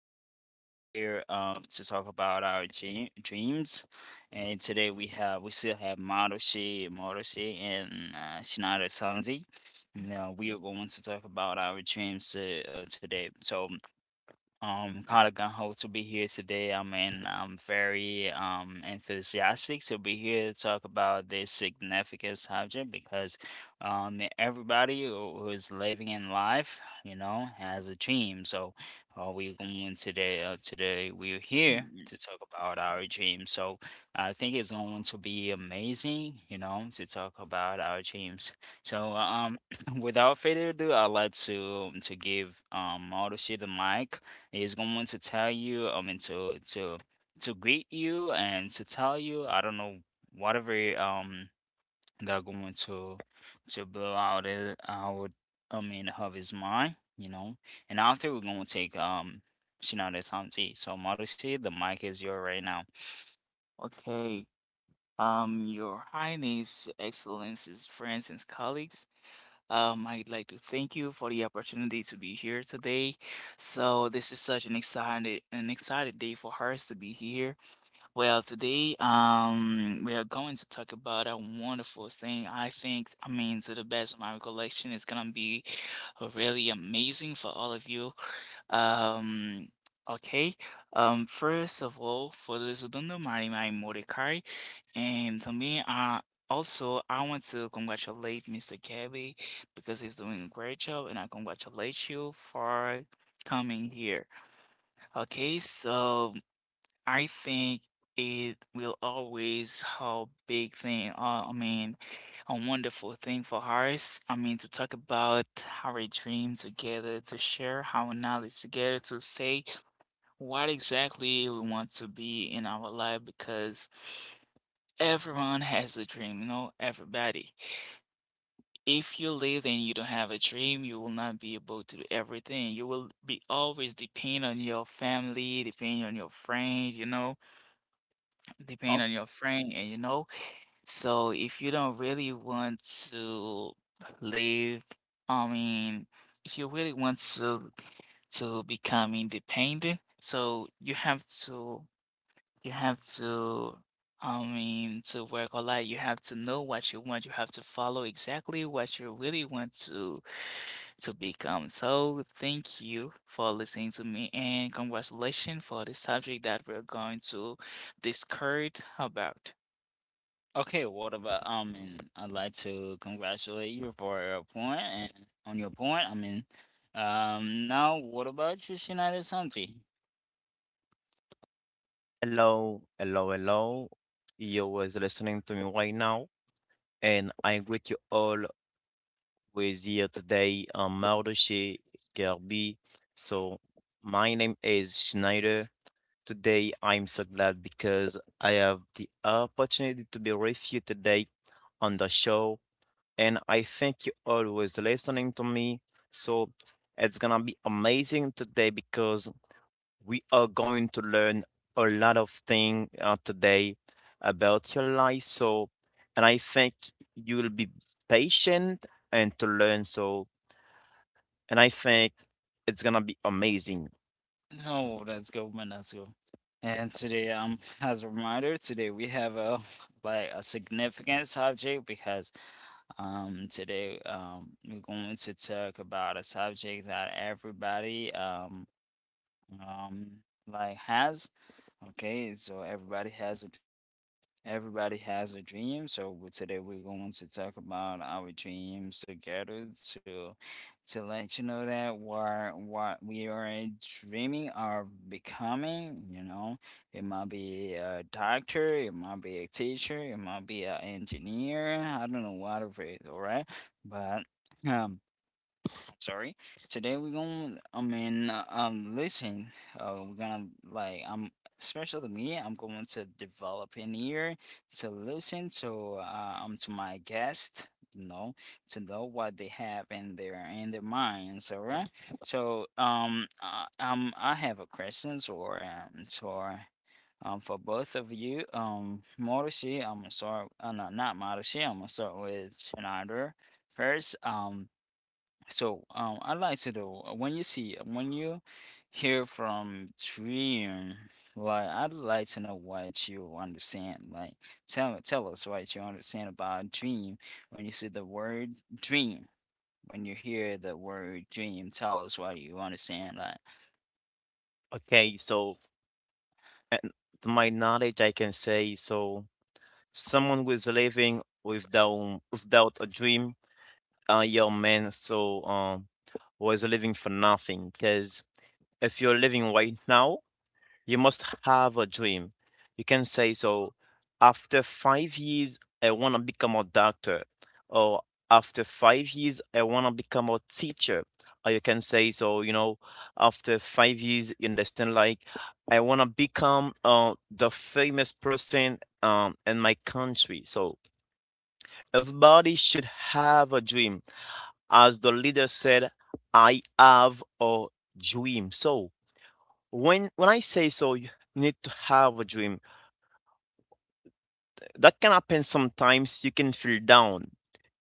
Today we are here to talk about our dreams, and today we still have Marushi, and Shinada Sanji. Now we are going to talk about our dreams today. So kind of gung ho to be here today. I mean, I'm very enthusiastic to be here to talk about this significant subject because everybody who is living in life, has a dream. So we're going today. Today we're here Hmm, to talk about our dreams. So I think it's going to be amazing, to talk about our dreams. So without further ado, I'd like to give Moto Shit a mic. He's going to tell you, I mean, to greet you and to tell you, I don't know, whatever um they're going to blow out it out, I mean, of his mind. And after we're gonna take Shinada Sam tea. So Marushi, the mic is yours right now. okay. Your Highness, Excellencies, friends, and colleagues, I'd like to thank you for the opportunity to be here today. So this is such an excited day for us to be here. Well, today, we are going to talk about a wonderful thing. I think, I mean, to the best of my recollection, it's gonna be really amazing for all of you. Um, okay. First of all, for those who don't know, my name is Mordecai, and to me, also I want to congratulate Mr. Gabby because he's doing a great job, and I congratulate you for coming here. Okay, so I think it will always how big thing. I mean, a wonderful thing for us. I mean, to talk about our dream together, to share our knowledge together, to say what exactly we want to be in our life because everyone has a dream, you know, everybody. If you live and you don't have a dream, you will not be able to do everything. You will be always depend on your family, depend on your friends, you know, depend Okay. on your friend, and you know. So if you don't really want to live, I mean, if you really want to become independent, so you have to You have to, I mean, to work a lot. You have to know what you want. You have to follow exactly what you really want to become. So thank you for listening to me and congratulations for the subject that we're going to discuss about. Okay, what about and I'd like to congratulate you for your point and on your point. I mean, now what about you, Shinada Santi? Hello, hello, hello. You was listening to me right now, and I greet you all with here today on Mardoche Garbi. So my name is Schneider. Today I'm so glad because I have the opportunity to be with you today on the show, and I thank you all who is listening to me. So it's gonna be amazing today because we are going to learn a lot of things today about your life. So, and I think you will be patient and to learn. So, and I think it's gonna be amazing. Oh, us go, man. Let's go. And today, as a reminder, today we have a like a significant subject because today we're going to talk about a subject that everybody um like has. Okay, so everybody has a dream. Everybody has a dream, so today we're going to talk about our dreams together to let you know that what we are dreaming of becoming. It might be a doctor, it might be a teacher, it might be an engineer, I don't know, whatever it is, all right? But um sorry. Today we're gonna, I mean, listen, we're gonna like, especially me, I'm going to develop an ear to listen to my guest, to know what they have in their minds. All right. So, I have a questions or so. For both of you, Marushi, I'm gonna start. No, not Marushi. I'm gonna start with Schneider first. So, I'd like to know when you see when you hear from dream, like I'd like to know what you understand. Like, tell us what you understand about dream when you see the word dream. When you hear the word dream, tell us what you understand. Like. Okay, so and to my knowledge, I can say so. Someone who is living without a dream, a young man, so who is living for nothing. Because if you're living right now, you must have a dream. You can say so. After 5 years, I wanna become a doctor, or after 5 years, I wanna become a teacher. Or you can say so. You know, after 5 years, you understand like I wanna become the famous person in my country. So everybody should have a dream. As the leader said, I have a dream. So when I say so, you need to have a dream. That can happen sometimes. You can feel down.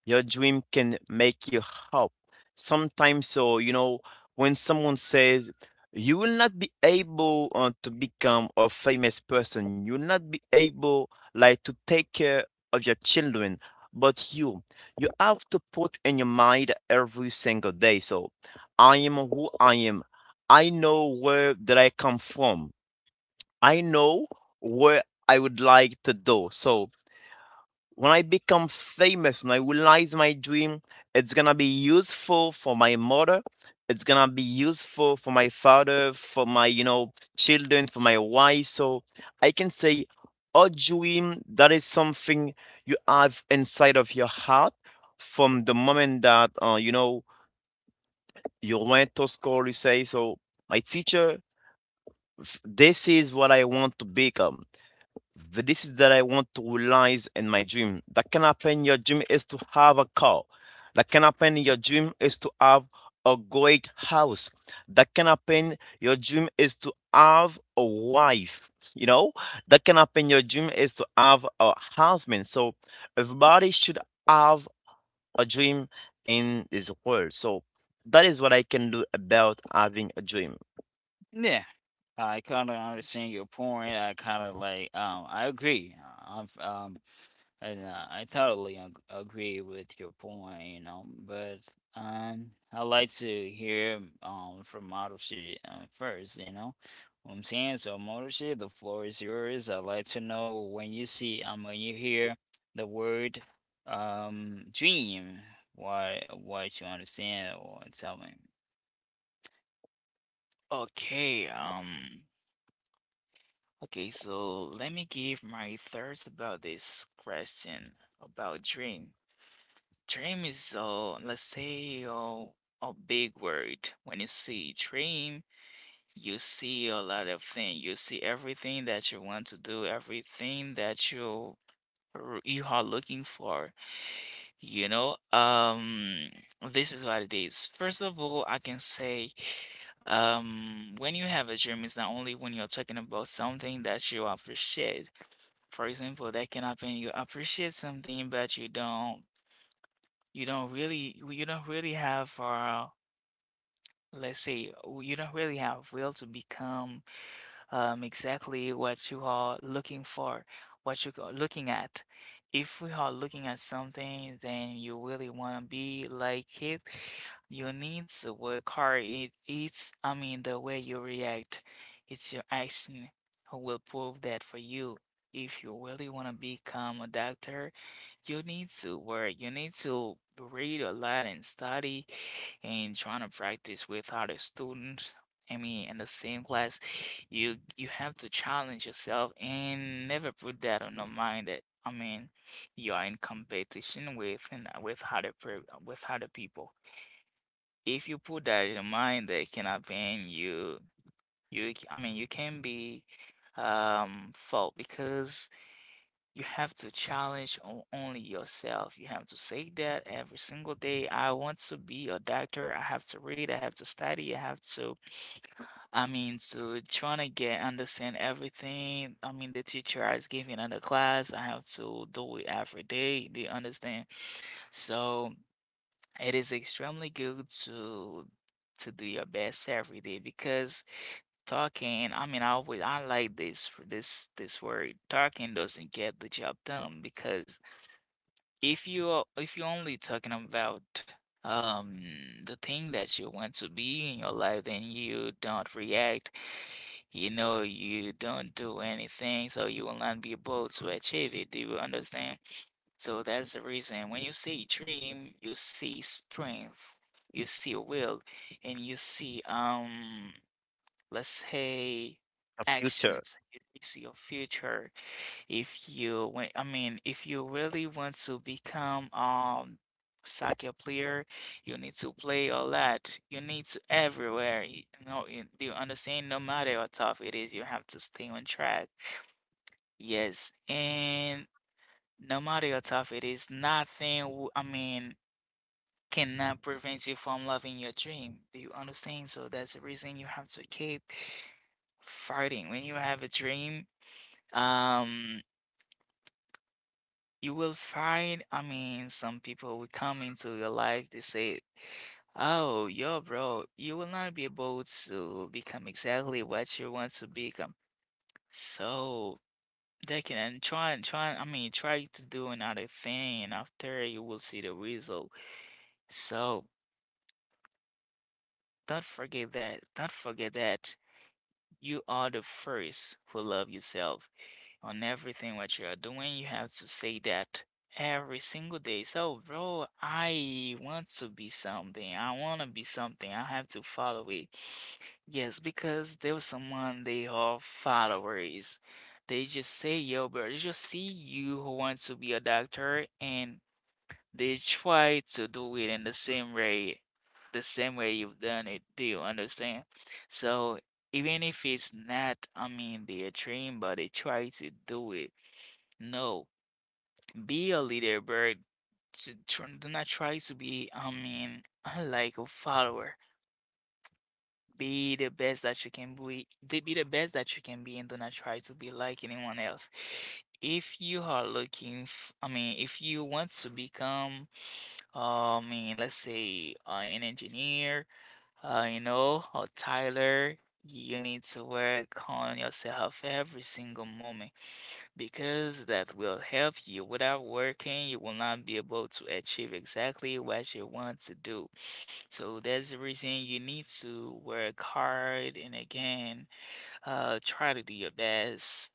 Your dream can make you hope. Sometimes, so when someone says you will not be able to become a famous person, you will not be able like to take care of your children, but you have to put in your mind every single day. So, I am who I am. I know where that I come from. I know where I would like to do. So when I become famous and I realize my dream, it's gonna be useful for my mother. It's gonna be useful for my father, for my children, for my wife. So I can say, a dream that is something you have inside of your heart from the moment that you went to school. You say, so my teacher, this is what I want to become the this is that I want to realize in my dream. That can happen in your dream is to have a car. That can happen in your dream is to have a great house. That can happen your dream is to have a wife. You know? That can happen your dream is to have a husband. So everybody should have a dream in this world. So that is what I can do about having a dream. Yeah. I kind of understand your point. I kind of like, I agree. I and I totally agree with your point, but I like to hear from Marushi first. What I'm saying, so Marushi, the floor is yours. I like to know when you see when you hear the word dream, why what you understand or tell me. Okay, um, okay, so let me give my thoughts about this question about dream. Dream is, a let's say, a big word. When you see dream, you see a lot of things. You see everything that you want to do, everything that you are looking for. You know, this is what it is. First of all, I can say, when you have a dream, it's not only when you're talking about something that you appreciate. For example, that can happen. You appreciate something, but you don't really you don't really have let's say you don't really have will to become exactly what you are looking for, what you are looking at. If we are looking at something then you really want to be like it, you need to work hard it's I mean the way you react, it's your action who will prove that for you. If you really want to become a doctor you need to work. You need to read a lot and study and trying to practice with other students. I mean, in the same class, you have to challenge yourself and never put that on your mind that, I mean, you are in competition with and with with other people. If you put that in your mind, that cannot be you. You, I mean, you can be fault because you have to challenge only yourself. You have to say that every single day. I want to be a doctor. I have to read. I have to study. I have to, I mean, to trying to get understand everything. I mean, the teacher is giving on the class. I have to do it every day. They understand. So it is extremely good to do your best every day because talking, I mean, I always I like this word. Talking doesn't get the job done because if you're only talking about um the thing that you want to be in your life, then you don't react. You know, you don't do anything, so you will not be able to achieve it. Do you understand? So that's the reason when you see dream, you see strength, you see will, and you see let's say A future actions. You see your future. If you when I mean if you really want to become soccer player, you need to play a lot. You need to everywhere. You know, do you understand? No matter how tough it is, you have to stay on track. Yes, and no matter how tough it is, nothing, w- I mean, cannot prevent you from loving your dream. Do you understand? So that's the reason you have to keep fighting. When you have a dream, um, you will find, I mean, some people will come into your life, they say, oh, yo, bro, you will not be able to become exactly what you want to become. So they can I mean, try to do another thing, and after you will see the result. So don't forget that. Don't forget that you are the first who love yourself. On everything what you are doing, you have to say that every single day. So, bro, I want to be something. I want to be something. I have to follow it. Yes, because there was someone they are followers. They just say, yo, bro, they just see you who wants to be a doctor and they try to do it in the same way you've done it. Do you understand? So even if it's not, I mean, their dream, but they try to do it. No, be a leader, bird. To tr Do not try to be, I mean, like a follower. Be the best that you can be. Be the best that you can be, and do not try to be like anyone else. If you are looking, f I mean, if you want to become, I mean, let's say, an engineer, you know, or Tyler, you need to work on yourself every single moment because that will help you. Without working, you will not be able to achieve exactly what you want to do. So that's the reason you need to work hard and again, try to do your best.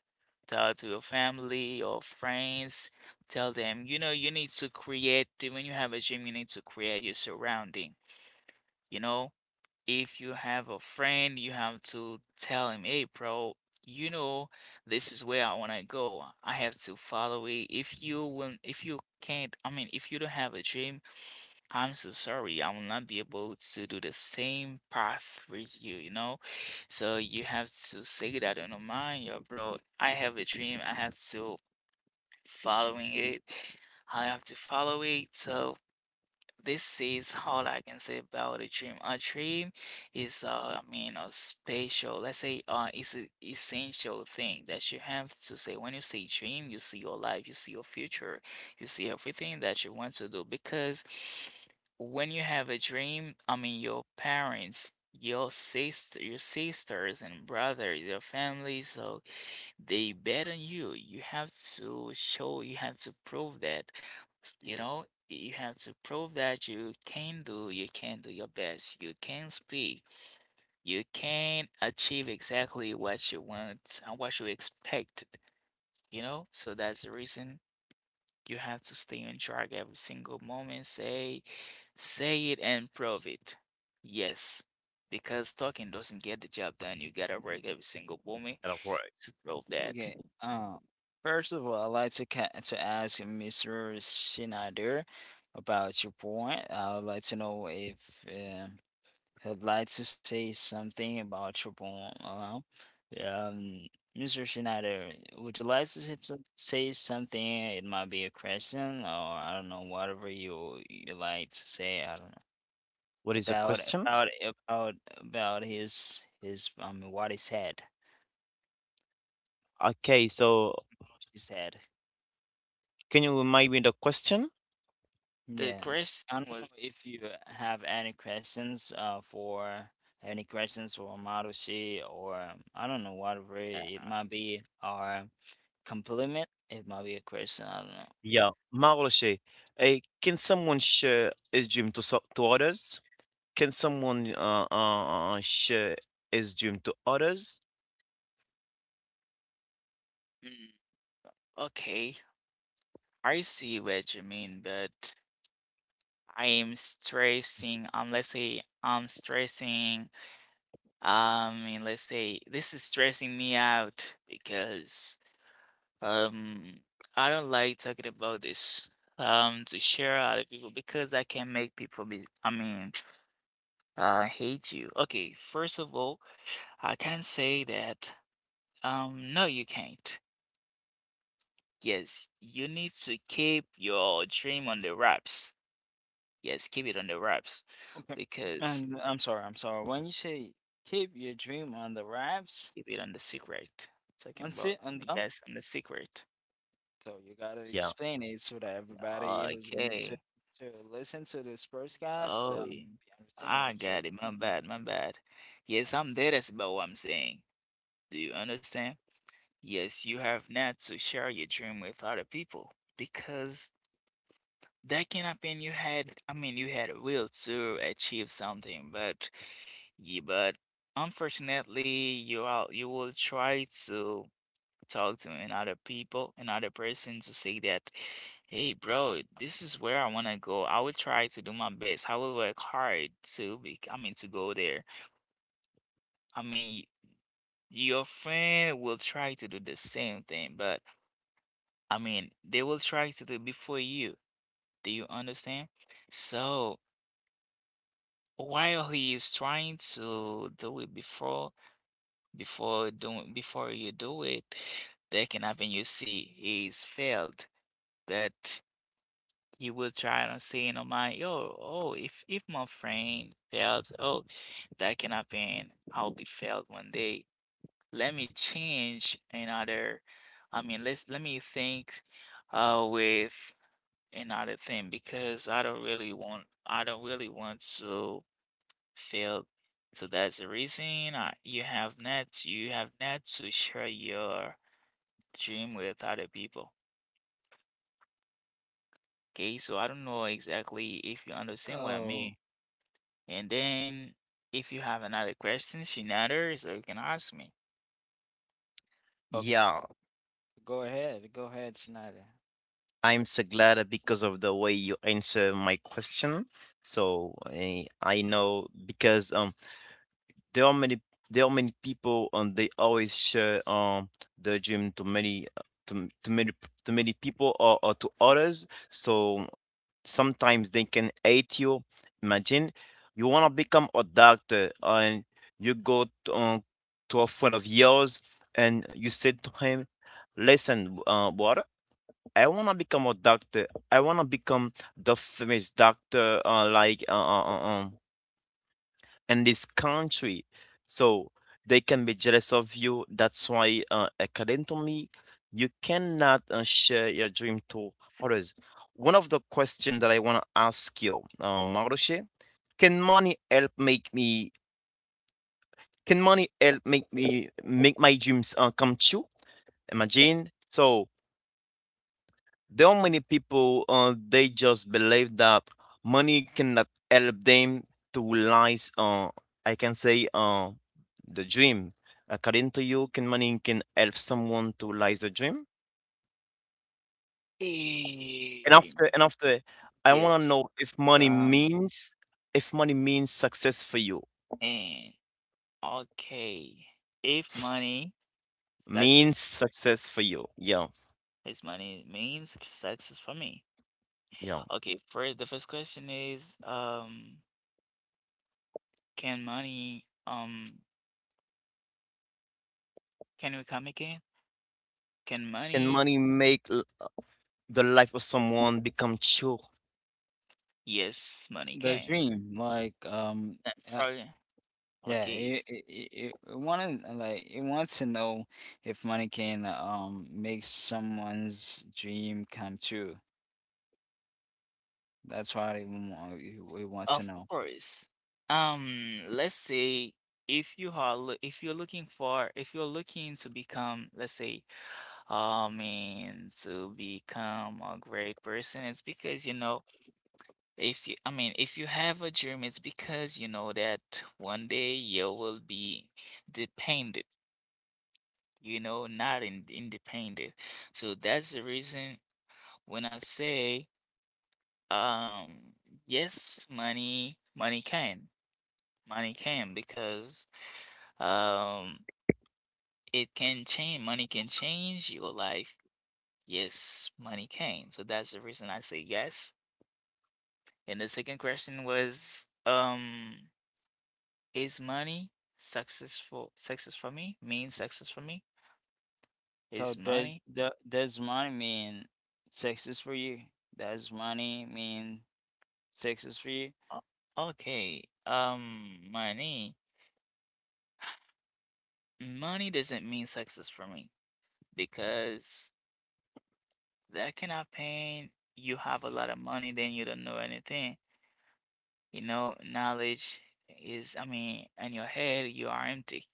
Talk to your family or friends. Tell them, you know, you need to create, when you have a dream, you need to create your surrounding, you know? If you have a friend, you have to tell him, hey, bro, you know, this is where I want to go. I have to follow it. If you can't, I mean, if you don't have a dream, I'm so sorry. I will not be able to do the same path with you, you know? So you have to say that in your mind, yo, bro. I have a dream. I have to following it. I have to follow it. So this is all I can say about a dream. A dream is, I mean, a special, let's say, it's an essential thing that you have to say. When you say dream, you see your life, you see your future, you see everything that you want to do. Because when you have a dream, I mean, your parents, your sister, your sisters and brothers, your family, so they bet on you. You have to show, you have to prove that. to You you know, you have to prove that you can do your best, you can speak, you can achieve exactly what you want and what you expected, you know? So that's the reason you have to stay on track every single moment. Say, say it and prove it. Yes, because talking doesn't get the job done. You gotta work every single moment in a world. to roll that. Okay. First of all, I'd like to ask Mr. Schneider about your point. I would like to know if uh, he'd like to say something about your point. Um, Mr. Schneider, would you like to say say something? It might be a question, or I don't know, whatever you like to say. I don't know What is the about question? about about his what he said. Okay, so She said. can you remind me the question? The Yeah. question I don't know was, if you have any questions for any questions for Marushi or I don't know whatever uh, it might be or compliment. It might be a question. I don't know. Yeah, Marloche, eh, can someone share his dream to to others? Can someone share his dream to others? mm, okay, I see what you mean, but I am stressing, let's say I'm stressing, let's say this is stressing me out because Um, I don't like talking about this to share other people because that can make people be, I mean, hate you. Okay, first of all, I can say that no you can't. Yes, you need to keep your dream on the wraps. Yes, keep it on the wraps Okay. because And I'm sorry, I'm sorry. When you say keep your dream on the wraps, keep it on the secret. Talking on about it on the yes, on the secret. so you gotta Yeah, explain it so that everybody Yeah, who's going to okay. to listen to this podcast Oh, yeah. Understand I what you're got it. My saying. bad, my bad. Yes, I'm dead as about what I'm saying. Do you understand? Yes, you have not to share your dream with other people because that can happen. You had, I mean, you had a will to achieve something, but yeah, but unfortunately, you will try to talk to another people, another person to say that, hey, bro, this is where I want to go. I will try to do my best. I will work hard to be, I mean, to go there. I mean, your friend will try to do the same thing, but I mean, they will try to do before you. Do you understand? So while he is trying to do it before, before you do it, that can happen. You see, he's failed. That you will try to say in your mind, yo, oh, if my friend fails, oh, that can happen. I'll be failed one day. Let me change another. Let me think with another thing because I don't really want to fail. So that's the reason you have not to share your dream with other people. Okay, so I don't know exactly if you understand what I mean. Oh, And then if you have another questions so you can ask me. okay. yeah. Go ahead, Schneider. I'm so glad because of the way you answer my question. So I know because there are many there are many people and they always share their dream to many to, to many to many people or to others. So sometimes they can hate you. Imagine you want to become a doctor and you go to a friend of yours and you said to him, "Listen, brother, I want to become a doctor. I want to become the famous doctor, in this country." So they can be jealous of you. That's why, according to me, you cannot share your dream to others. One of the questions that I want to ask you, Maroche, can money help make me? Can money help make me make my dreams come true? Imagine. So, there are many people, they just believe that money cannot help them to realize, I can say, the dream. According to you, can money can help someone to realize the dream? Eh, And after, I want to Yes. know Um, if money means success for you, and Okay. If money success means success for you. Yeah, is Money means success for me. yeah. Okay, first the first question is can money can we come again? Can Can money money make the life of someone become true. Yes, money The can. dream, like Uh, uh, for- yeah, Okay. it wanted like it wants to know if money can make someone's dream come true. That's what it wants to Of know. course. Let's say if you're looking to become, let's say, to become a great person, it's because you know if you if you have a dream, it's because you know that one day you will be dependent, you know, not in, independent. So that's the reason when I say, um, yes, money can. Money can because um it can change. Money can change your life. Yes, money can. So that's the reason I say yes. And the second question was is money successful success for me? Means success for me? So Is does money the does money mean sex is for you? Does money mean sex is for you? o- okay. Money doesn't mean success for me because that cannot pain. You have a lot of money, then you don't know anything. You know, knowledge is, I mean, in your head, you are empty.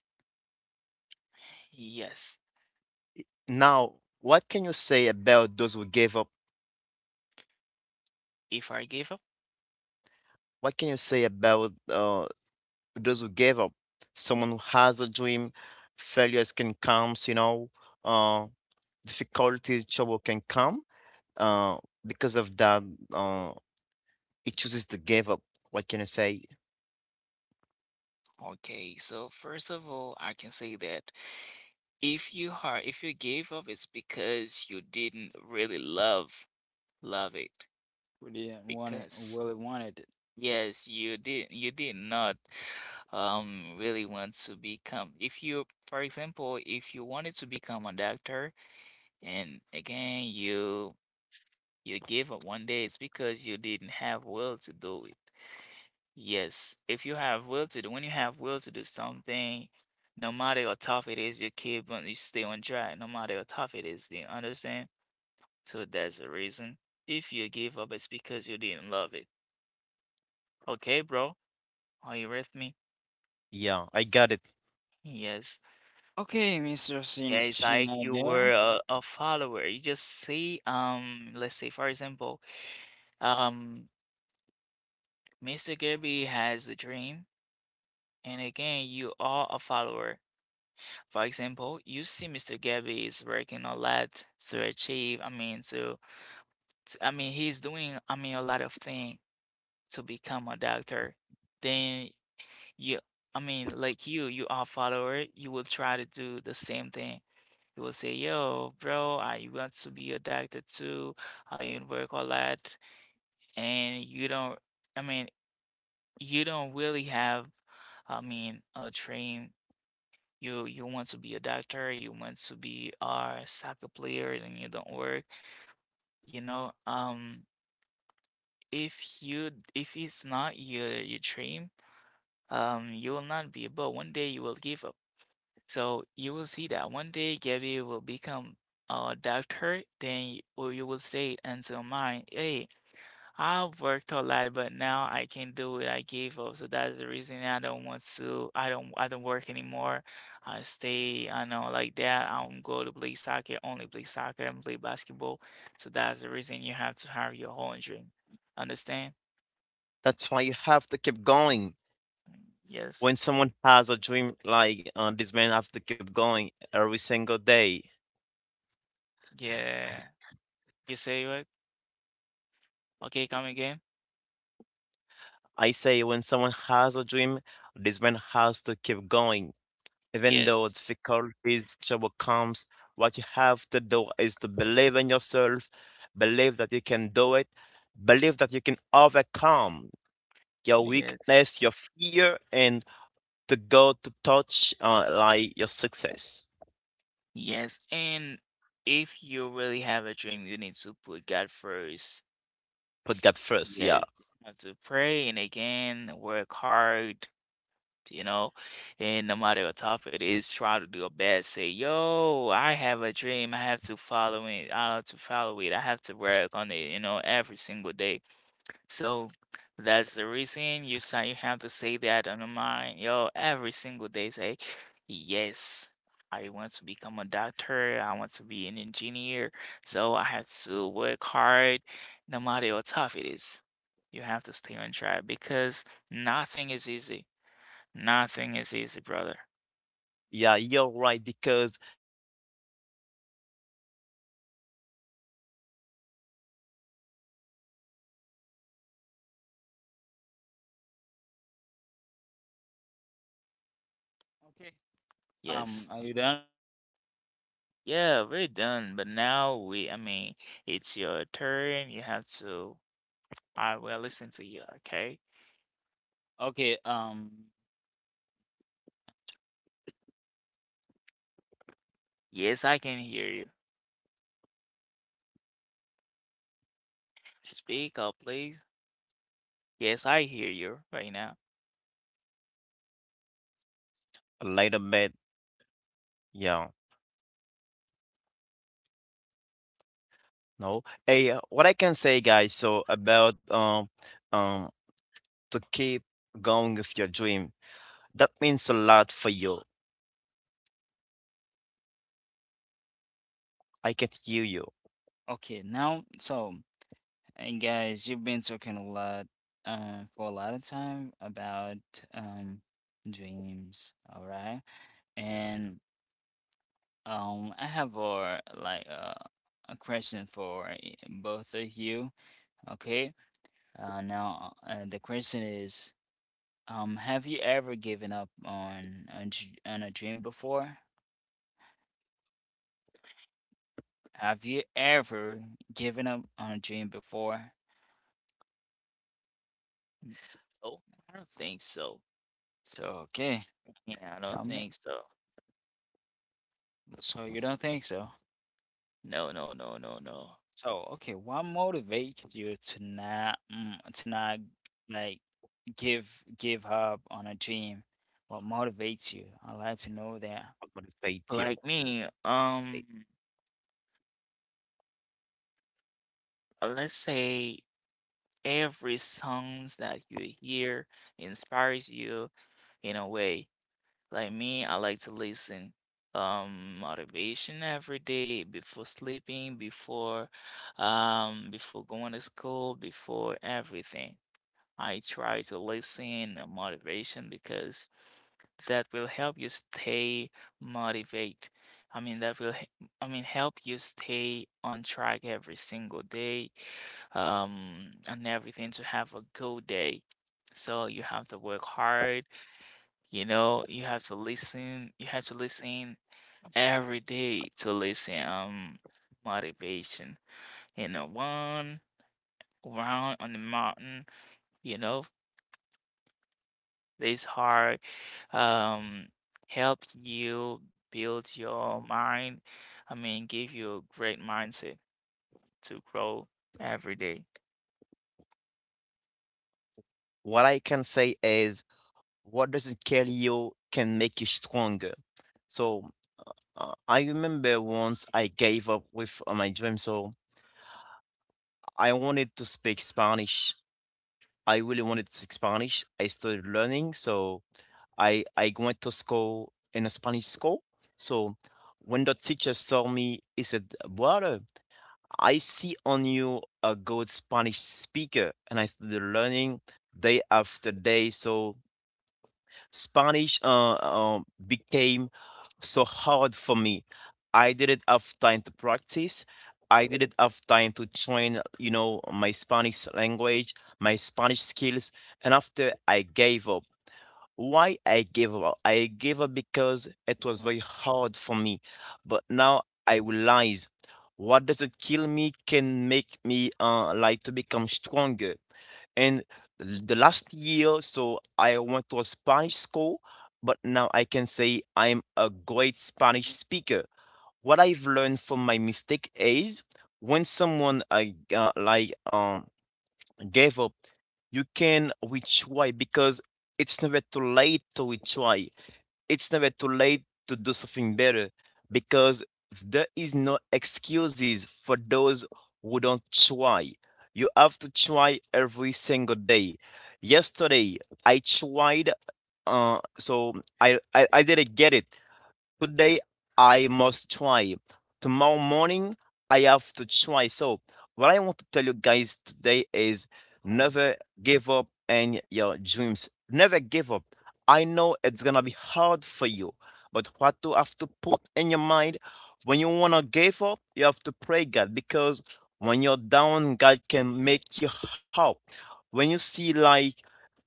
Yes. Now, what can you say about those who gave up? If I give up, What can you say about to those who doesn't give up, someone who has a dream. Failures can come, you know, uh, difficulty, trouble can come. Uh, because of that, uh, it chooses to give up. What can I say? okay. So first of all, I can say that if you gave up, it's because you didn't really love, love it. Would you want it? Because Will it wanted it? yes, you did not really want to become. If you, for example, if you wanted to become a doctor, and again, you gave up one day, it's because you didn't have will to do it. Yes, if you have will to do, when you have will to do something, no matter how tough it is, you keep on, you stay on track, no matter how tough it is, do you understand? So that's the reason. If you give up, it's because you didn't love it. Okay, bro? Are you with me? Yeah, I got it. Yes. Okay, Mr. Yeah, Shin it's like you were Schneider. A follower. You just see, let's say for example, um, Mr. Kirby has a dream, and again, you are a follower. For example, you see Mr. Gabby is working a lot to achieve, I mean, he's doing, a lot of things to become a doctor. Then you, you are a follower, you will try to do the same thing. You will say, yo, bro, I want to be a doctor too. I work a lot. And I mean, you don't really have, a dream. You want to be a doctor, you want to be a soccer player, and you don't work. You know, if you if it's not your dream, you will not be able. One day you will give up. So you will see that one day Gabby will become a doctor. Or you will say until mine, hey, I've worked a lot, but now I can't do it. I gave up. So that's the reason I don't want to. I don't. I don't work anymore. I stay. I know like that. I don't go to play soccer. Only play soccer and play basketball. So that's the reason you have to have your own dream. Understand? That's why you have to keep going. Yes. When someone has a dream like this man have to keep going every single day. Yeah. You say what? Okay, come again. I say when someone has a dream, this man has to keep going even though Yes. difficulties overcomes, what you have to do is to believe in yourself, believe that you can do it, believe that you can overcome your Yes. weakness, your fear, and to go to touch like your success. Yes. And if you really have a dream, you need to put God first. Put God first, yeah. Yes, you have to pray and again work hard, you know, and no matter how tough it is, try to do your best. Say, yo, I have a dream. I have to follow it. I have to follow it. I have to work on it, you know, every single day. So that's the reason you say you have to say that on your mind, yo, every single day. Say, yes, I want to become a doctor. I want to be an engineer. So I have to work hard, no matter how tough it is. You have to stay on track because nothing is easy. Nothing is easy, brother. Yeah, you're right, because if God is for you, nobody can sin against you. You know what Yes. I'm saying? And you have, When Jesus say yes, nobody can say no. you nobody can say no. Yes. Okay, Yes. are you done, guys? Yeah, we're done. But now it's your turn. You have to, I will listen to you, okay? Okay, for asking this question, can you hear me Yes, I can hear you. regularly well? No? Speak up, Uh, please. Yes, I hear you right now. Okay, you can hear me? What about Yes, you, Shinado? Later made, Little bit? yeah. Not very yes. well. Speak up. What about now? No. Hey, what I can say, guys, so about um to keep going with your dream, that means a lot for Now, you. I'd like to know if you can me, if you can hear me well. I can hear you. Okay, now, so, and guys, you've been talking a lot, for a lot of time about, um, dreams, all right? And I have a like a question for both of you. Okay. Now the question is, have you ever given up on on a dream before? Have you ever given up on a dream before? N- No, I don't think so. So okay, Yeah, I don't tell me. think so. So you don't think so? No, no, no, no, no. So okay, what motivates you to not like give up on a dream? What motivates you? I'd like to know that. I'm gonna say chill. Like me, Like, let's say every songs that you hear inspires you in a way. Like me, I like to listen motivation every day before sleeping, before before going to school, before everything. I try to listen motivation because that will help you stay motivate. I mean that will he- I mean help you stay on track every single day and everything to have a good day. So you have to work hard, you know, you have to listen. You have to listen every day to listen motivation. You know, one round on the mountain, you know, this hard um help you build your mind. I mean, give you a great mindset to grow every day. what I can say is, what doesn't kill you can make you stronger. So I remember once I gave up with my dream. So I wanted to speak Spanish. I really wanted to speak Spanish. I started learning. So I went to school in a Spanish school. So when the teacher saw me, he said, "Brother, I see on you a good Spanish speaker." And I started learning day after day. So Spanish became so hard for me. I didn't have time to practice. I didn't have time to train, you know, my Spanish language, my Spanish skills, and after I gave up. Why I gave up? I gave up because it was Oh, very hard for me. But now I realize what doesn't kill me can make me like to become stronger. And the last year, so I went to a Spanish school, but now I can say I'm a great Spanish speaker. What I've learned from my mistake is when someone I gave up, you can retry because it's never too late to retry. It's never too late to do something better because there is no excuses for those who don't try. You have to try every single day. Yesterday I tried so I didn't get it. Today I must try. Tomorrow morning I have to try. So, what I want to tell you guys today is oh, never give up in your dreams. Never give up. I know it's gonna be hard for you, but what you have to put in your mind when you wanna give up, you have to pray God because when you're down, God can make you up. When you see like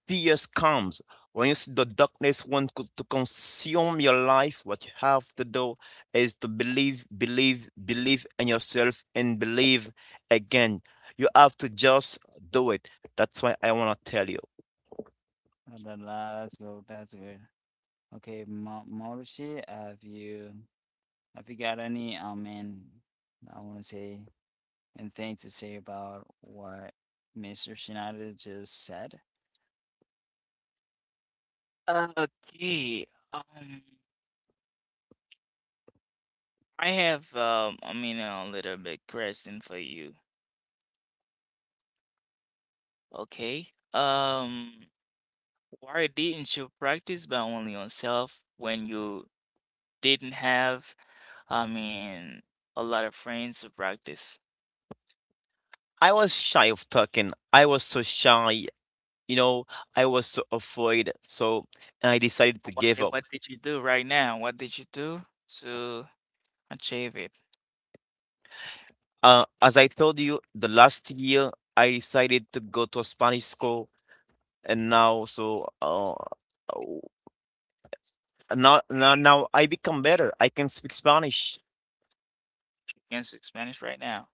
fears comes. When you see the darkness want to consume your life, what you have to do is to believe, believe, believe in yourself and believe again. You have to just do it. That's why I want to tell you. oh, that's good. That's good. Okay, Ma Mauricio, have you got any, I mean, I want to say anything to say about what Mr. Schneider just said? Okay. Um, I have a little bit question for you. Okay. Um, Why didn't you practice by only yourself when you didn't have, I mean, a lot of friends to practice? I was shy of talking. I was so shy. You know, I was so afraid, so I decided to give up. What did you do right now? What did you do to achieve it? As I told you, the last year I decided to go to a Spanish school, and now so oh, now I become better. I can speak Spanish. You can speak Spanish right now.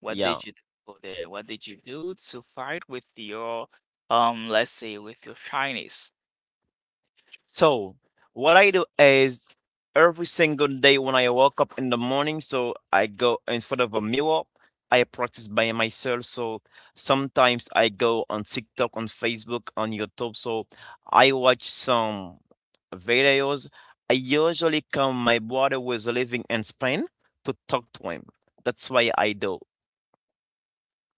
What Yeah. did you do for that? What did you do to fight with your, let's say, with your shyness? So, what I do is every single day when I wake up in the morning, so I go in front of a mirror. I practice by myself. So sometimes I go on TikTok, on Facebook, on YouTube. So I watch some videos. I usually come, my brother was living in Spain to talk to him. That's why I do.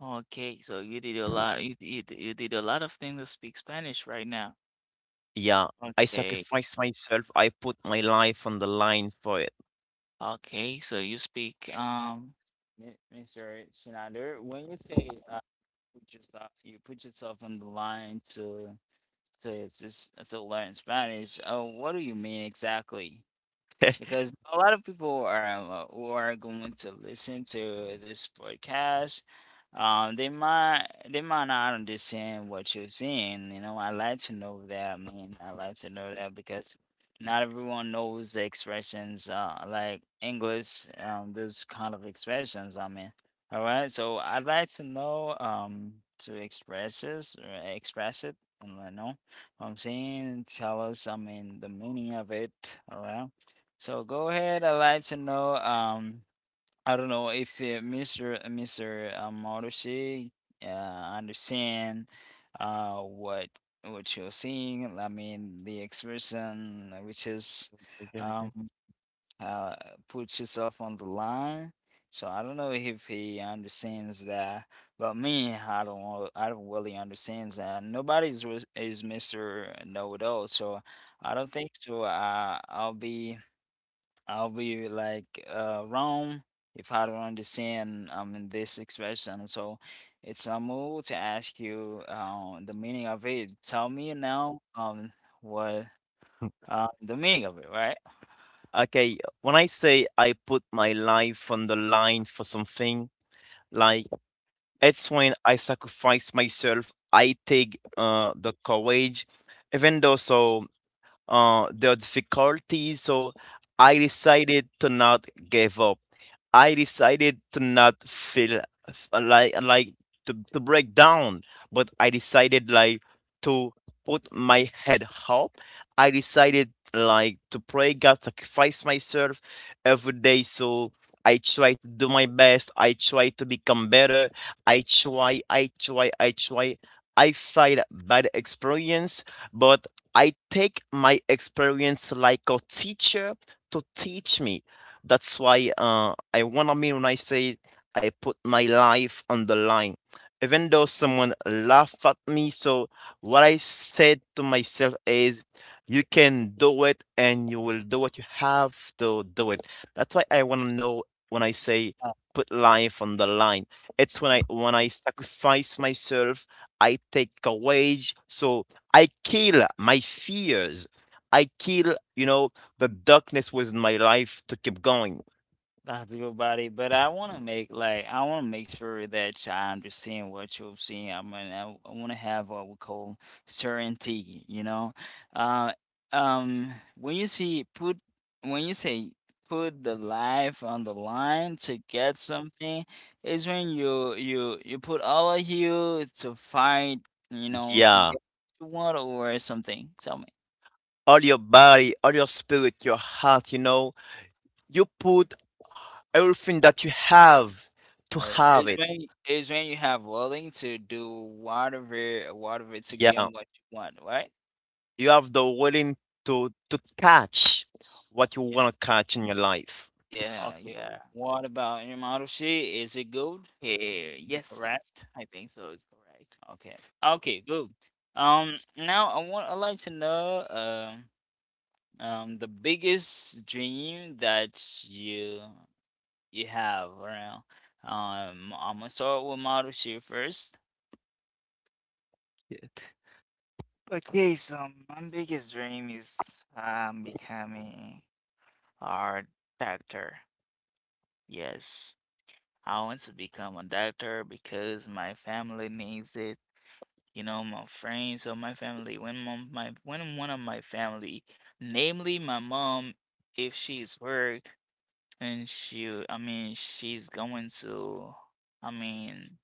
Okay, so you did a lot. You did a lot of things to speak Spanish right now. Yeah, I Okay, sacrifice myself. I put my life on the line for it. okay. So you speak, Mr. Schneider, when you say you put yourself on the line to just to learn Spanish. What do you mean exactly? Because a lot of people are who are going to listen to this podcast. They might not understand what you're saying. You know, I like to know that, man. I like to know that because not everyone knows the expressions like English. Those kind of expressions. I mean, all right. So I'd like to know to express this or express it, and let know what I'm saying. Tell us. I mean, the meaning of it. All right. So go ahead. I'd like to know. I don't know if Mr. Marushi understand uh what what you're seeing. I mean the expression which is Okay, okay. um uh put yourself on the line. So I don't know if he understands that, but me, I don't know, I don't really understand that. Nobody's is Mr. Know It All, so I don't think so. I'll be like wrong if I don't understand in this expression. So it's a move to ask you the meaning of it. Tell me now what the meaning of it, right? Okay, when I say I put my life on the line for something, like it's when I sacrifice myself. I take the courage, even though so the difficulties. So I decided to not give up. I decided to not feel like to break down, but I decided like to put my head up. I decided like to pray God, sacrifice myself every day. So I try to do my best. I try to become better. I try. I fight bad experience, but I take my experience like a teacher to teach me that's why I wanna mean when I say I put my life on the line. Even though someone laughed at me, so what I said to myself is, you can do it and you will do what you have to do it. That's why I wanna know when I say put life on the line. It's when I sacrifice myself, I take a wage, so I kill my fears. I kill, you know, the darkness was in my life to keep going. Not to your body, but I want to make like I want to make sure that I understand what you're seeing. I want to have what we call certainty. You know, uh, when you say put the life on the line to get something, is when you put all of you to fight. You know, to Yeah. get what you want or something. Tell me. All your body, all your spirit, your heart, you know, you put everything that you have to have it's it. when it's when you have willing to do whatever to Yeah. gain what you want, right? You have the willing to catch what you yeah. want to catch in your life. Yeah, Okay. yeah. What about your model sheet? Is it good? Hey, Is it yes, correct? I think so. It's correct. Okay. Okay. Good. Now I like to know the biggest dream that you have around. I'm gonna start with model sheet first. Okay, so my biggest dream is becoming a doctor. Yes, I want to become a doctor because my family needs it. You know, my friends or my family. When my when one of my family, namely my mom, if she's work. And she's going to, I mean,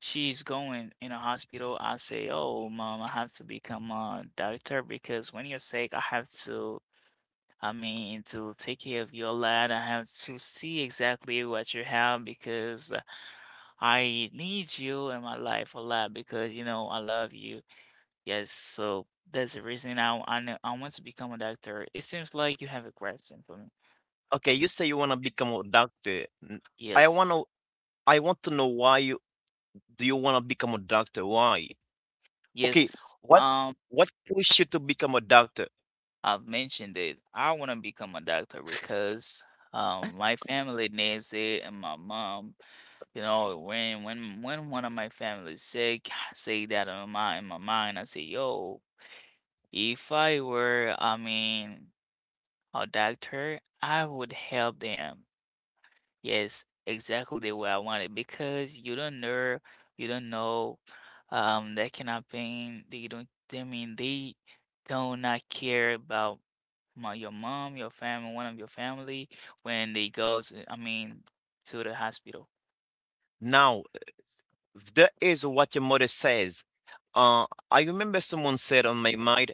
she's going in a hospital. I say, oh, mom, I have to become a doctor because when you're sick, I have to, to take care of your lad. I have to see exactly what you have because I need you in my life a lot because, you know, I love you. Yes, so that's the reason I want to become a doctor. It seems like you have a question for me. Okay, you say you want to become a doctor. I Yes, want to I want to know why you do you want to become a doctor? Why? Okay, yes. what what pushed you to become a doctor? I've mentioned it. I want to become a doctor because my family needs it, and my mom, you know, when one of my family is sick, say that in my mind, I say, yo, if I were, a doctor, I would help them. Yes, exactly the way I want it because you don't know, that can happen. They don't. They do not care about my your mom, your family, one of your family when they goes, to the hospital. Now, that is what your mother says. Uh, I remember someone said on my mind,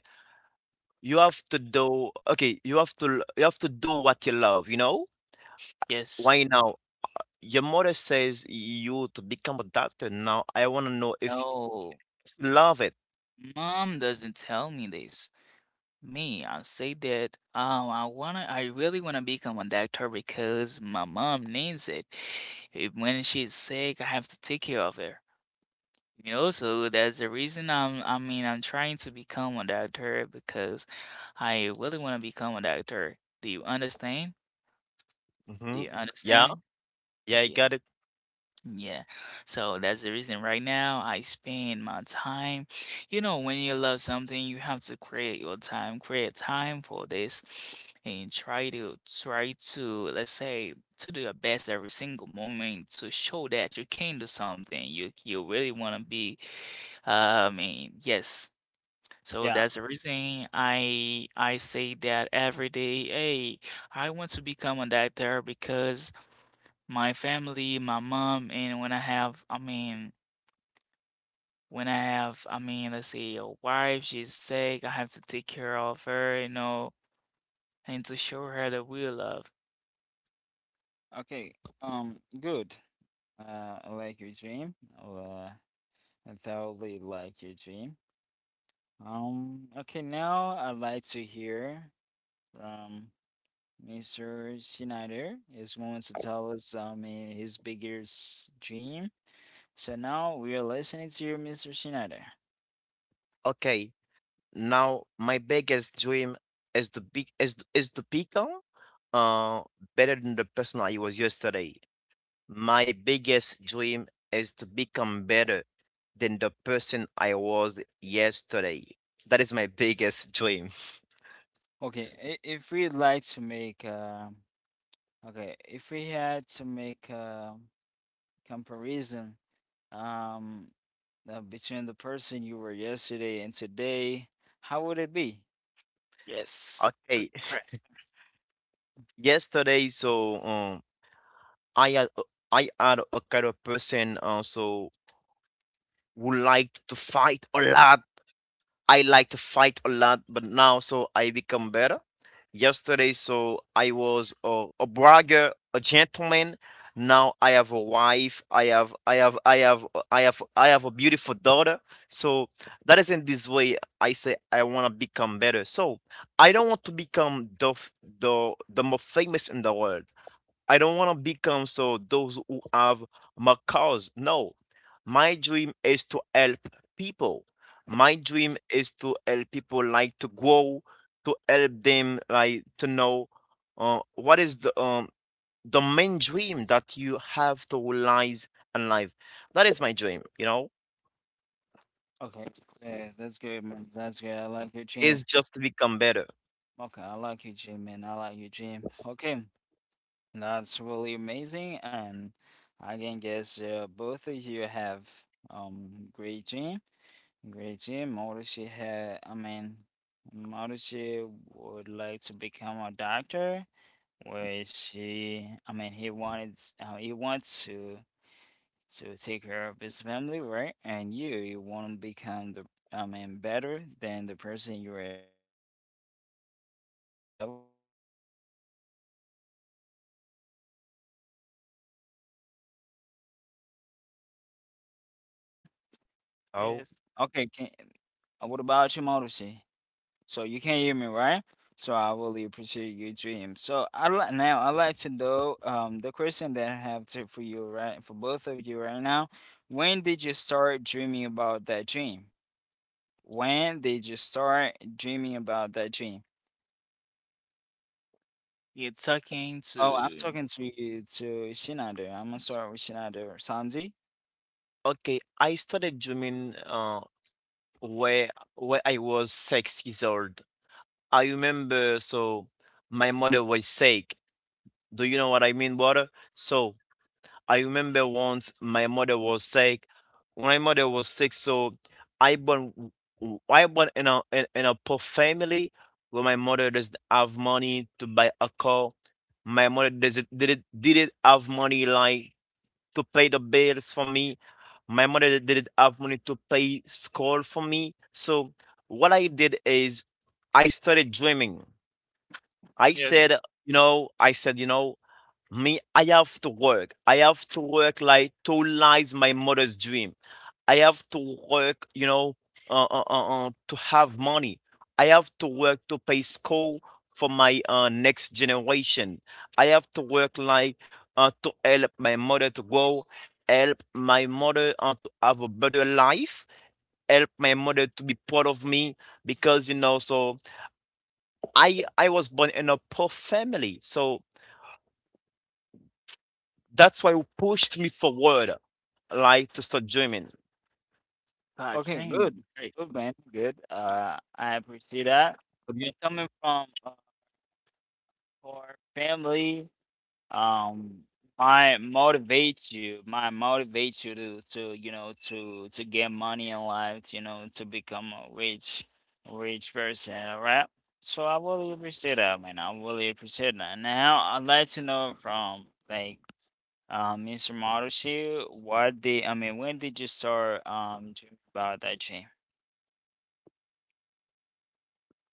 you have to do okay, you have to do what you love, you know? Yes. Why now? Your mother says you to become a doctor. Now I want to know No. if you love it. Mom doesn't tell me this. Me, I say that I really wanna become a doctor because my mom needs it. When she's sick, I have to take care of her. You know, so that's the reason I'm I mean I'm trying to become a doctor because I really wanna become a doctor. Do you understand? Do Hmm. you Yeah, understand? yeah, I Yeah. got it. Yeah. So that's the reason right now I spend my time. You know, when you love something, you have to create your time, create time for this and try to, let's say, to do your best every single moment to show that you can do something. You really want to be yes. So Yeah. that's the reason I say that every day, hey, I want to become a doctor because my family, my mom, and when I have, let's say a wife, she's sick, I have to take care of her, you know, and to show her the real love. Okay. Good. I like your dream. Uh. I totally like your dream. Okay, now I'd like to hear from Mr. Schneider is going to tell us his biggest dream. So now we are listening to you, Mr. Schneider. Okay. Now my biggest dream is to be is th- is to become uh better than the person I was yesterday. My biggest dream is to become better than the person I was yesterday. That is my biggest dream. Okay, if we'd like to make okay, if we had to make a comparison um between the person you were yesterday and today, how would it be? Yes, Okay. good question. Yesterday, so I had I had a kind of person also who liked to fight a lot. I like to fight a lot, but now so I become better. Yesterday, so I was a bragger, a gentleman. Now I have a wife. I have, I have, I have, I have, I have a beautiful daughter. So that is in this way I say I want to become better. So I don't want to become the most famous in the world. I don't want to become so those who have macaws. No, my dream is to help people. My dream is to help people like to grow, to help them like to know what is the the main dream that you have to realize in life. That is my dream, you know. Okay. Yeah, that's good, man. That's good. I like your Is gym. just to become better. Okay, I like your gym, man. I like your gym. Okay, that's really amazing, and I can guess both of you have great gym, great gym. Mauricio had, I mean, Mauricio would like to become a doctor, where she, I mean, he wanted, he wants to take care of his family, right? And you want to become the, I mean, better than the person you were yesterday. So, I like, I really appreciate that. That's good. I really I really appreciate that. Can you hear me right now? Yes, Oh, Okay, can, what about you, Marusi? So you can hear me, right? So I really appreciate your dream. So now I like to know the question that I have to for you, right? For both of you right now. When did you start dreaming about that dream? When did you start dreaming about that dream? you're talking Oh, I'm to, talking to you to Shinado. I'm gonna start with Shinado. Samzi? okay. I started dreaming where where I was 6 years old. I remember so my mother was sick. Do you know what I mean, brother? So I remember once my mother was sick. When my mother was sick, so I born w- I born in in a poor family where my mother doesn't have money to buy a car. My mother doesn't didn't have money like to pay the bills for me. My mother didn't have money to pay school for me. So what I did is I started dreaming. I yes, said, you know, I said, you know, me, I have to work. I have to work like to live my mother's dream. I have to work, you know, to have money. I have to work to pay school for my next generation. I have to work like to help my mother to grow, help my mother to have a better life, help my mother to be proud of me because you know. So I was born in a poor family, so that's why it pushed me forward like to start dreaming. Okay, Katrin. good. Great. Good man, good. I appreciate that. Yeah. And coming from our family um might motivate you to get money in life to, you know, to become a rich person, right? So I really appreciate that, man. I really appreciate that. Now I'd like to know from, like, Mr. Marushi, what did I mean when did you start dreaming about that dream?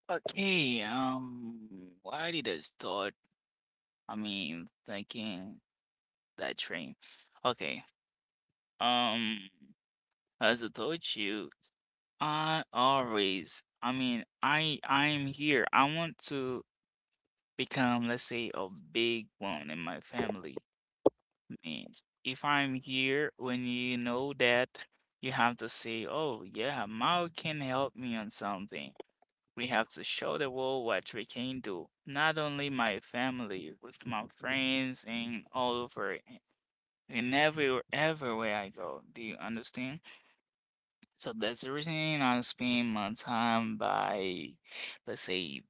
Okay, why did I start? I mean, thinking that train. Okay, um, as I told you. I am here. I want to become, let's say, a big one in my family. mean, if I'm here, when you know that, you have to say, "Oh yeah, Mao can help me on something." We have to show the world what we can do. Not only my family, with my friends and all over and everywhere, everywhere I go. Do you understand? So that's the reason I spend my time by, let's say,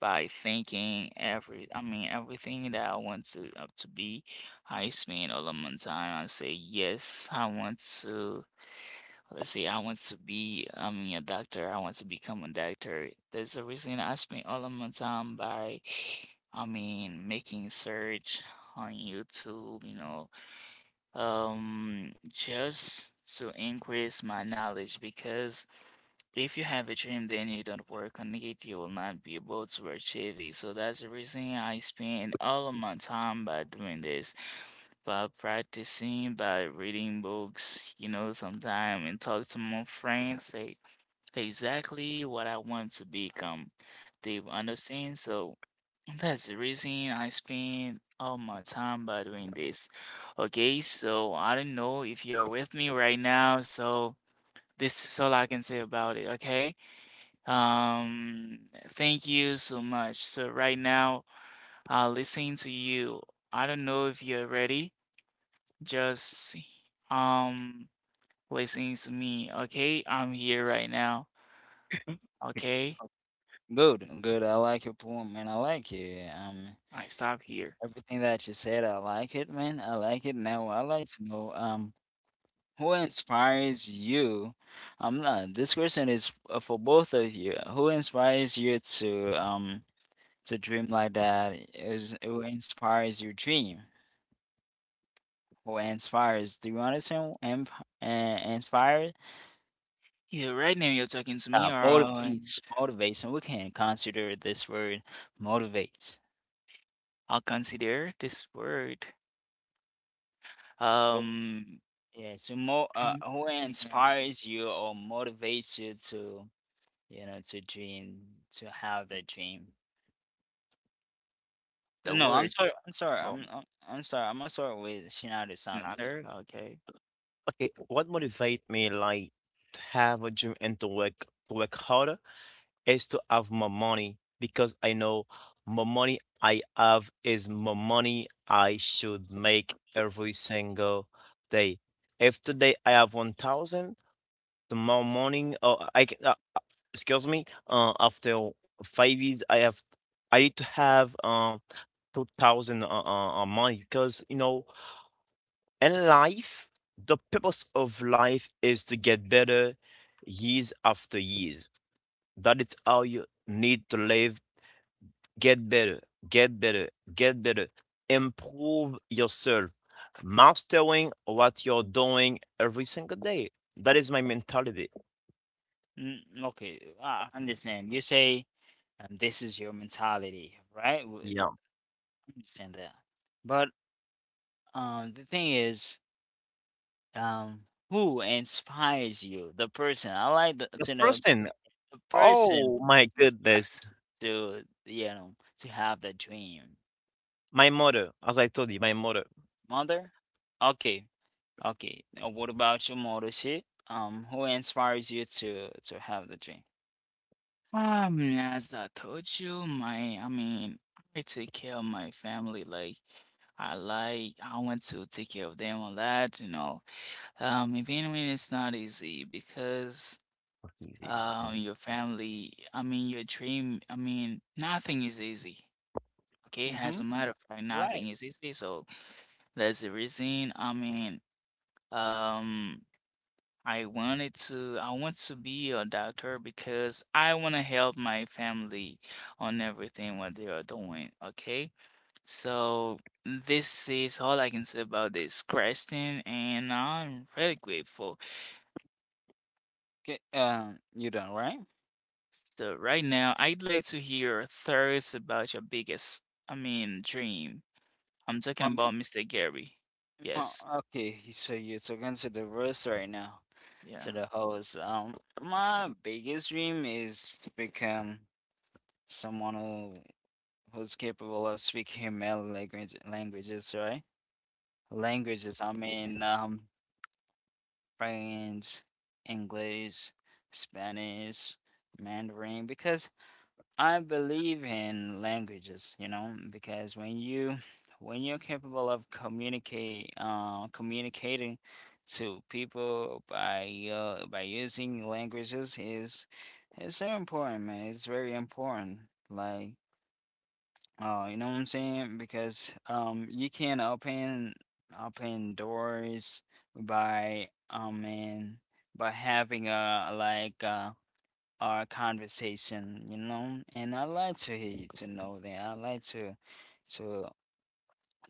by thinking everything that I want to be. I spend all of my time. I say, yes, I want to, let's say, I want to be, a doctor. I want to become a doctor. That's the reason I spend all of my time by, making search on YouTube, just to increase my knowledge, because if you have a dream, then you don't work on it, you will not be able to achieve it. So that's the reason I spend all of my time by doing this, by practicing, by reading books, you know, sometime, and talk to my friends, say exactly what I want to become. They understand. So that's the reason I spend all my time by doing this. Okay, so I don't know if you're with me right now, so this is all I can say about it, okay? Um, Thank you so much. So right now, listening to you, I don't know if you're ready. Just um, listening to me. Okay, I'm here right now. Mm. Okay, Good, good. I like your poem, man. I like it. I stop here. Everything that you said, I like it, man. I like it. Now, I like to know, who inspires you? This question is for both of you. Who inspires you to dream like that? Is who inspires your dream who inspires do you understand? Inspire, Yeah, right now you're talking to me, or motivates, motivation, we can consider this word, motivates. I'll consider this word. Oh. Um, Yeah, so come, who come again. inspires you or motivates you to, you know, to have the dream? The No, i'm words, sorry i'm sorry well, i'm i'm, I'm sorry I'm gonna start with Shinado sounds. another. Okay. Okay, what motivates me like to have a dream and to work harder is to have more money because I know more money I have is more money I should make every single day. If today I have 1,000, tomorrow morning or I can excuse me, after 5 years, I have I need to have 2,000 money because you know in life the purpose of life is to get better years after years. That is how you need to live. Get better, get better, get better. Improve yourself, mastering what you're doing every single day. That is my mentality. Mm, okay, I understand. You say, this is your mentality, right? Yeah. I understand that. But, the thing is, um, who inspires you? The person. I like the, The to know person, the person oh my goodness. to, you know, to have the dream. My mother, as I told you, my mother. Mother. Okay, okay. Now, what about your mother? She, who inspires you to have the dream? As I told you, I take care of my family. Like, I want to take care of them a lot, you know. Even when it's not easy, because, your family, your dream, nothing is easy. Okay, as a Mm-hmm. matter of fact, Right. nothing is easy. So that's the reason, um, I want to be a doctor, because I want to help my family on everything what they are doing, okay? So this is all I can say about this question, and I'm really grateful. Okay. You done, right? So right now I'd like to hear thoughts about your biggest, dream. I'm talking Mom. about Mr. Gary. Oh, Yes. okay, so you're talking to the verse right now, Yeah. to the host. My biggest dream is to become someone who who's capable of speaking many languages, right? Languages, I mean, French, English, Spanish, Mandarin, because I believe in languages, you know, because when you, when you're capable of communicate communicating to people by, by using languages, is so important, man. It's very important. Like, you know what I'm saying? Because, you can open doors by, man, by having a like. Our conversation, you know? And I like to hear you to know that. I like to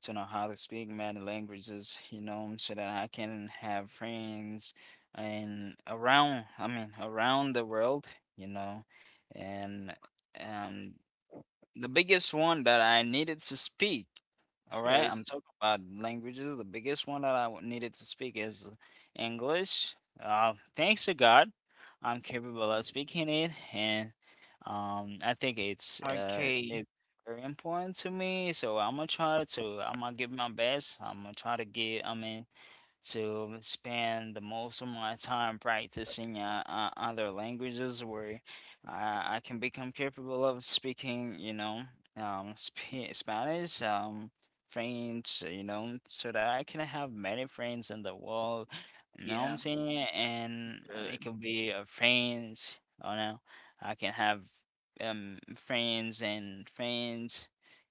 to know how to speak many languages, you know, so that I can have friends and around, I mean, around the world, you know. And um the biggest one that I needed to speak, all right? I'm Yes. talking about languages. The biggest one that needed to speak is English. Thanks to God, I'm capable of speaking it, and, I think Okay. it's very important to me. So I'm gonna try to. I'm gonna give my best. I'm gonna try to get. I mean, to spend the most of my time practicing other languages where I can become capable of speaking, you know, sp Spanish, French, you know, so that I can have many friends in the world. You know what I'm Yeah. saying? And it Good. could be a friends, oh no, I can have friends and friends,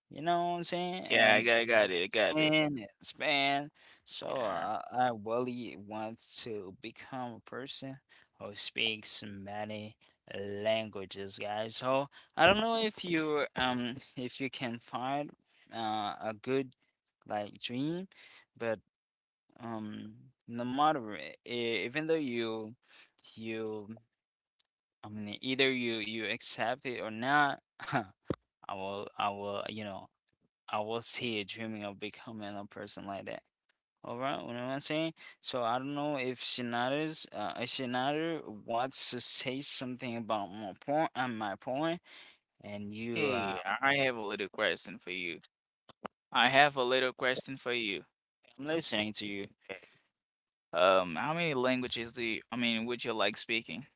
you know what I'm saying? Yeah, I And got, I got it. in span. So, Yeah. I really want to become a person who speaks many languages, guys. So I don't know if you if you can find a good like dream, but, um no matter even though you I mean, either you accept it or not, I I will, you know, I will see you dreaming of becoming a person like that. All right, what am I saying? So I don't know if Shinada's if Shinada wants to say something about my point, and you, Hey, I have a little question for you. I have a little question for you. I'm listening to you. Okay. How many languages do you, would you like speaking?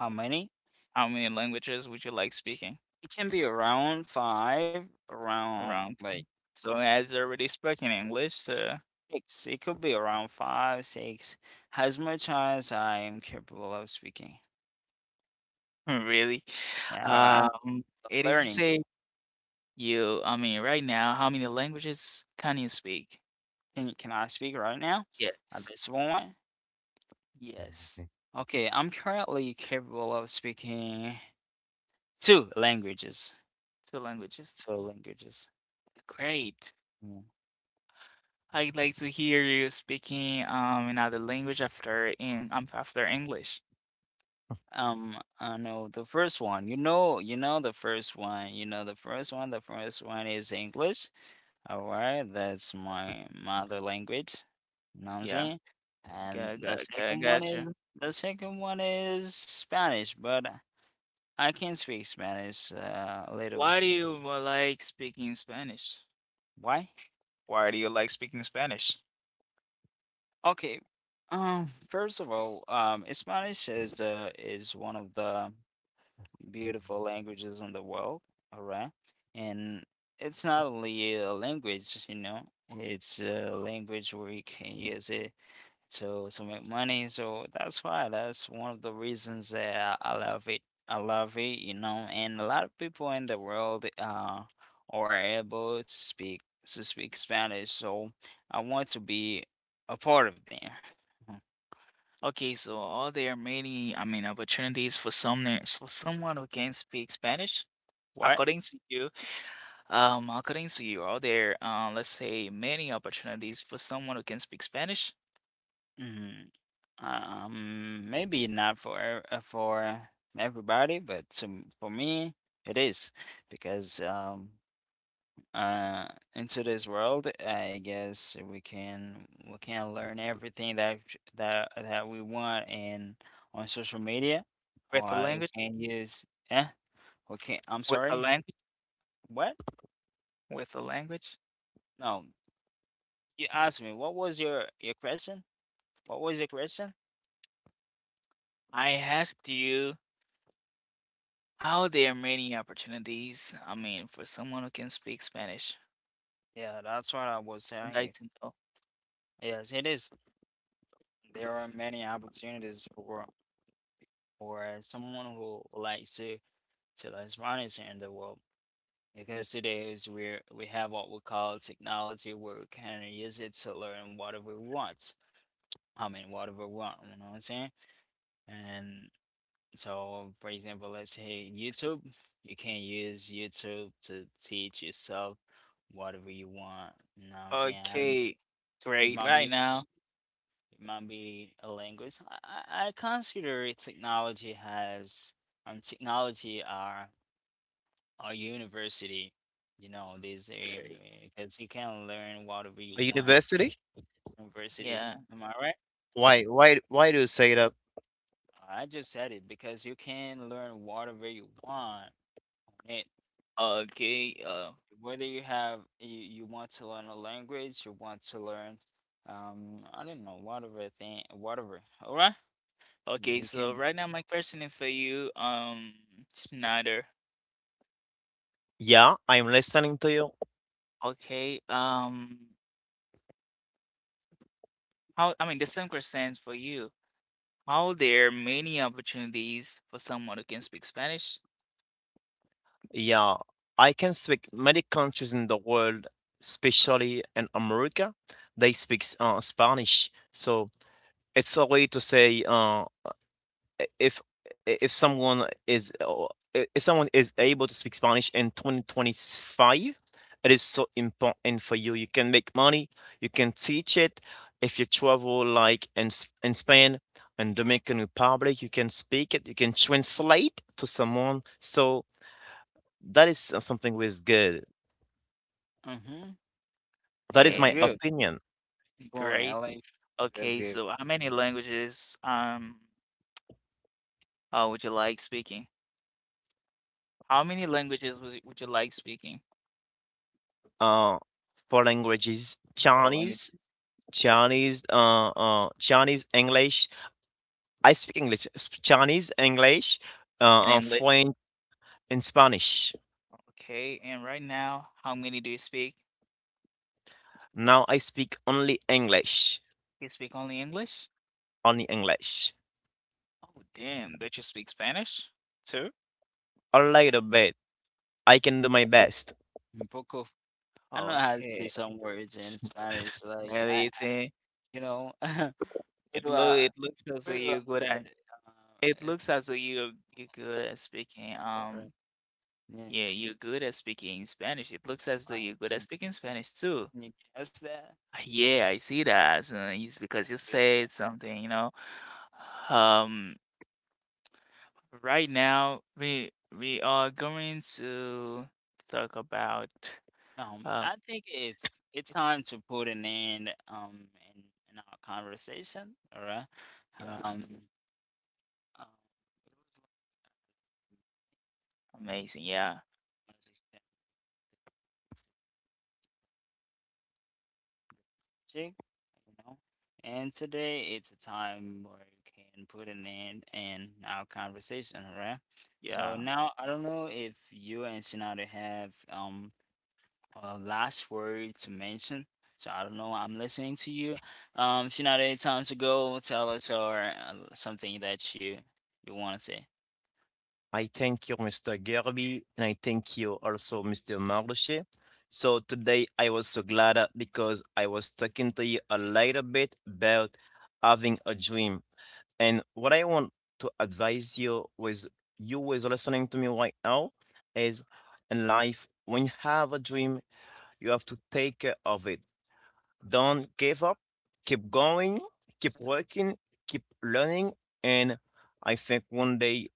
How many? How many languages would you like speaking It can be around five, around around? like So as already spoken English, so six. It could be around five, six, as much as I am capable of speaking. really, Now I'm um, it is to learning. say you, right now, how many languages can you speak? Can I speak right now? At Yes. this moment? Yes. Okay, I'm currently capable of speaking two languages. Two languages. So languages. Great. Mm. I'd like to hear you speaking another language after in after English. I know the first one. You know the first one. You know the first one. The first one is English. All right, that's my mother language. You know what I'm Yeah, saying? And the second one got you. is the second one is Spanish, but I can speak Spanish a little. Why do you like speaking Spanish? Why? Why do you like speaking Spanish? Okay. First of all, Spanish is the is one of the beautiful languages in the world, all right? And it's not only a language, you know, it's a language where you can use it to make money. So that's why that's one of the reasons that I love it. I love it, you know, and a lot of people in the world are able to speak Spanish, so I want to be a part of them. Okay, so are there many, opportunities for someone, who can speak Spanish? What? According to you, according to you, are there, let's say, many opportunities for someone who can speak Spanish Mm-hmm. Maybe not for for everybody, but to, for me, it is because uh in today's world, I guess we can learn everything that that we want in on social media, with a or we language, can use eh we can, I'm with a sorry, language, what? with a language? No, you asked me what was your question, what was your question? I asked you, how there are many opportunities. I mean, for someone who can speak Spanish, Yeah, that's what I was I'd telling like you. to know. Yes, it is. There are many opportunities for someone who likes to learn Spanish in the world, because today is where we have what we call technology, where we can use it to learn whatever we want. I mean, whatever we want, you know what I'm saying? And so, for example, let's say YouTube, you can use YouTube to teach yourself whatever you want, you know what I'm saying? And Okay, it great. might Right be now, it might be a language. I consider it technology has technology are a university. You know, this great. because you can learn whatever A you want. university? University, Yeah. am I right? Why do you say that? I just said it because you can learn whatever you want on it. Okay. Whether you have you, you want to learn a language, you want to learn I don't know, whatever thing, whatever. All right, Okay. you So can. right now, my question is for you, Schneider. Yeah, I'm listening to you. Okay. How? I mean, the same question is for you. How there are many opportunities for someone who can speak Spanish? Yeah, I can speak many countries in the world, especially in America. They speak Spanish, so it's a way to say if if someone is if someone is able to speak Spanish in 2025, it is so important for you. You can make money, you can teach it. If you travel like in Spain and Dominican Republic, you can speak it, you can translate to someone. So that is s something who is good. Mm-hmm. That is That's my good. And opinion. Boring. I great. like Okay. okay, So how many languages would you like speaking? How many languages would would you like speaking? Uh, four languages: Or languages Chinese, English. I speak Chinese, English, in English? French, and Spanish. Okay, and right now, how many do you speak? Now I speak only English, You speak only English? only English. Oh, damn. Don't you speak Spanish too? A little bit. I can do my best. un poco. I know how to say Okay, some words in Spanish. Like I, amazing. you know, pero It looks as though pero you're good hablar at, it es looks as though you're good at speaking. or, yeah, Yeah, you're good at speaking Spanish. It looks as though I you're good at can, speaking Spanish too. can you guess that? Ah, yeah, I see that. So it's because you Yeah, said that- something, you know. Um, Right now, we are going to talk about uh, I think it's it's time to put an end in our conversation. All right. yeah, Um, um, it was amazing, yeah, like, you know. And today it's a time where you can put an end in our conversation, right? So yeah. now I don't know if you and Shinada have a last word to mention. So I don't know. I'm listening to you. Shinada, it's time to go. Tell us or something that you want to say. I thank you, Mr. Gerby, and I thank you also, Mr. Marluche. So today I was so glad because I was talking to you a little bit about having a dream. And what I want to advise you with listening to me right now is in life, when you have a dream, you have to take care of it. Don't give up. Keep going. Keep working. Keep learning. And I think one day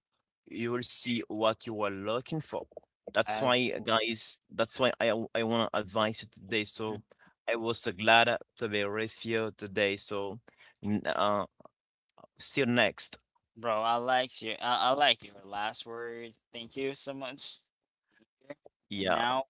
you will see what you are looking for. That's As why, guys, that's why I want to advise you today. mhm. So I was so glad to be with you today. So n- uh, see you next. Bro, I like you. I like your last word. Thank you so much. Thank you. And now Yeah.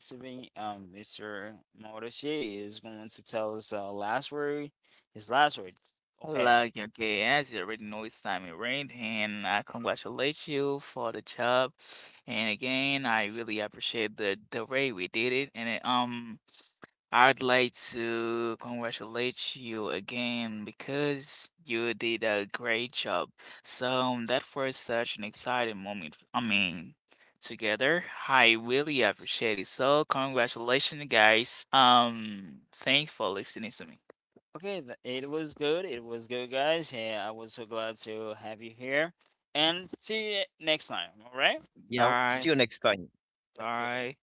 receiving Mr. Moroshi is going to tell us last word, his last word. Go ahead. Like okay, as you already know, it's time it rained, and I congratulate you for the job. And again, I really appreciate the way we did it, and it. I'd like to congratulate you again, because you did a great job. So that was such an exciting moment. I mean, together, I really appreciate it. So congratulations, guys. Thanks for listening to me. Okay, it was good. It was good, guys. Yeah, I was so glad to have you here, and see you next time. All right, Bye. that's good. Bye.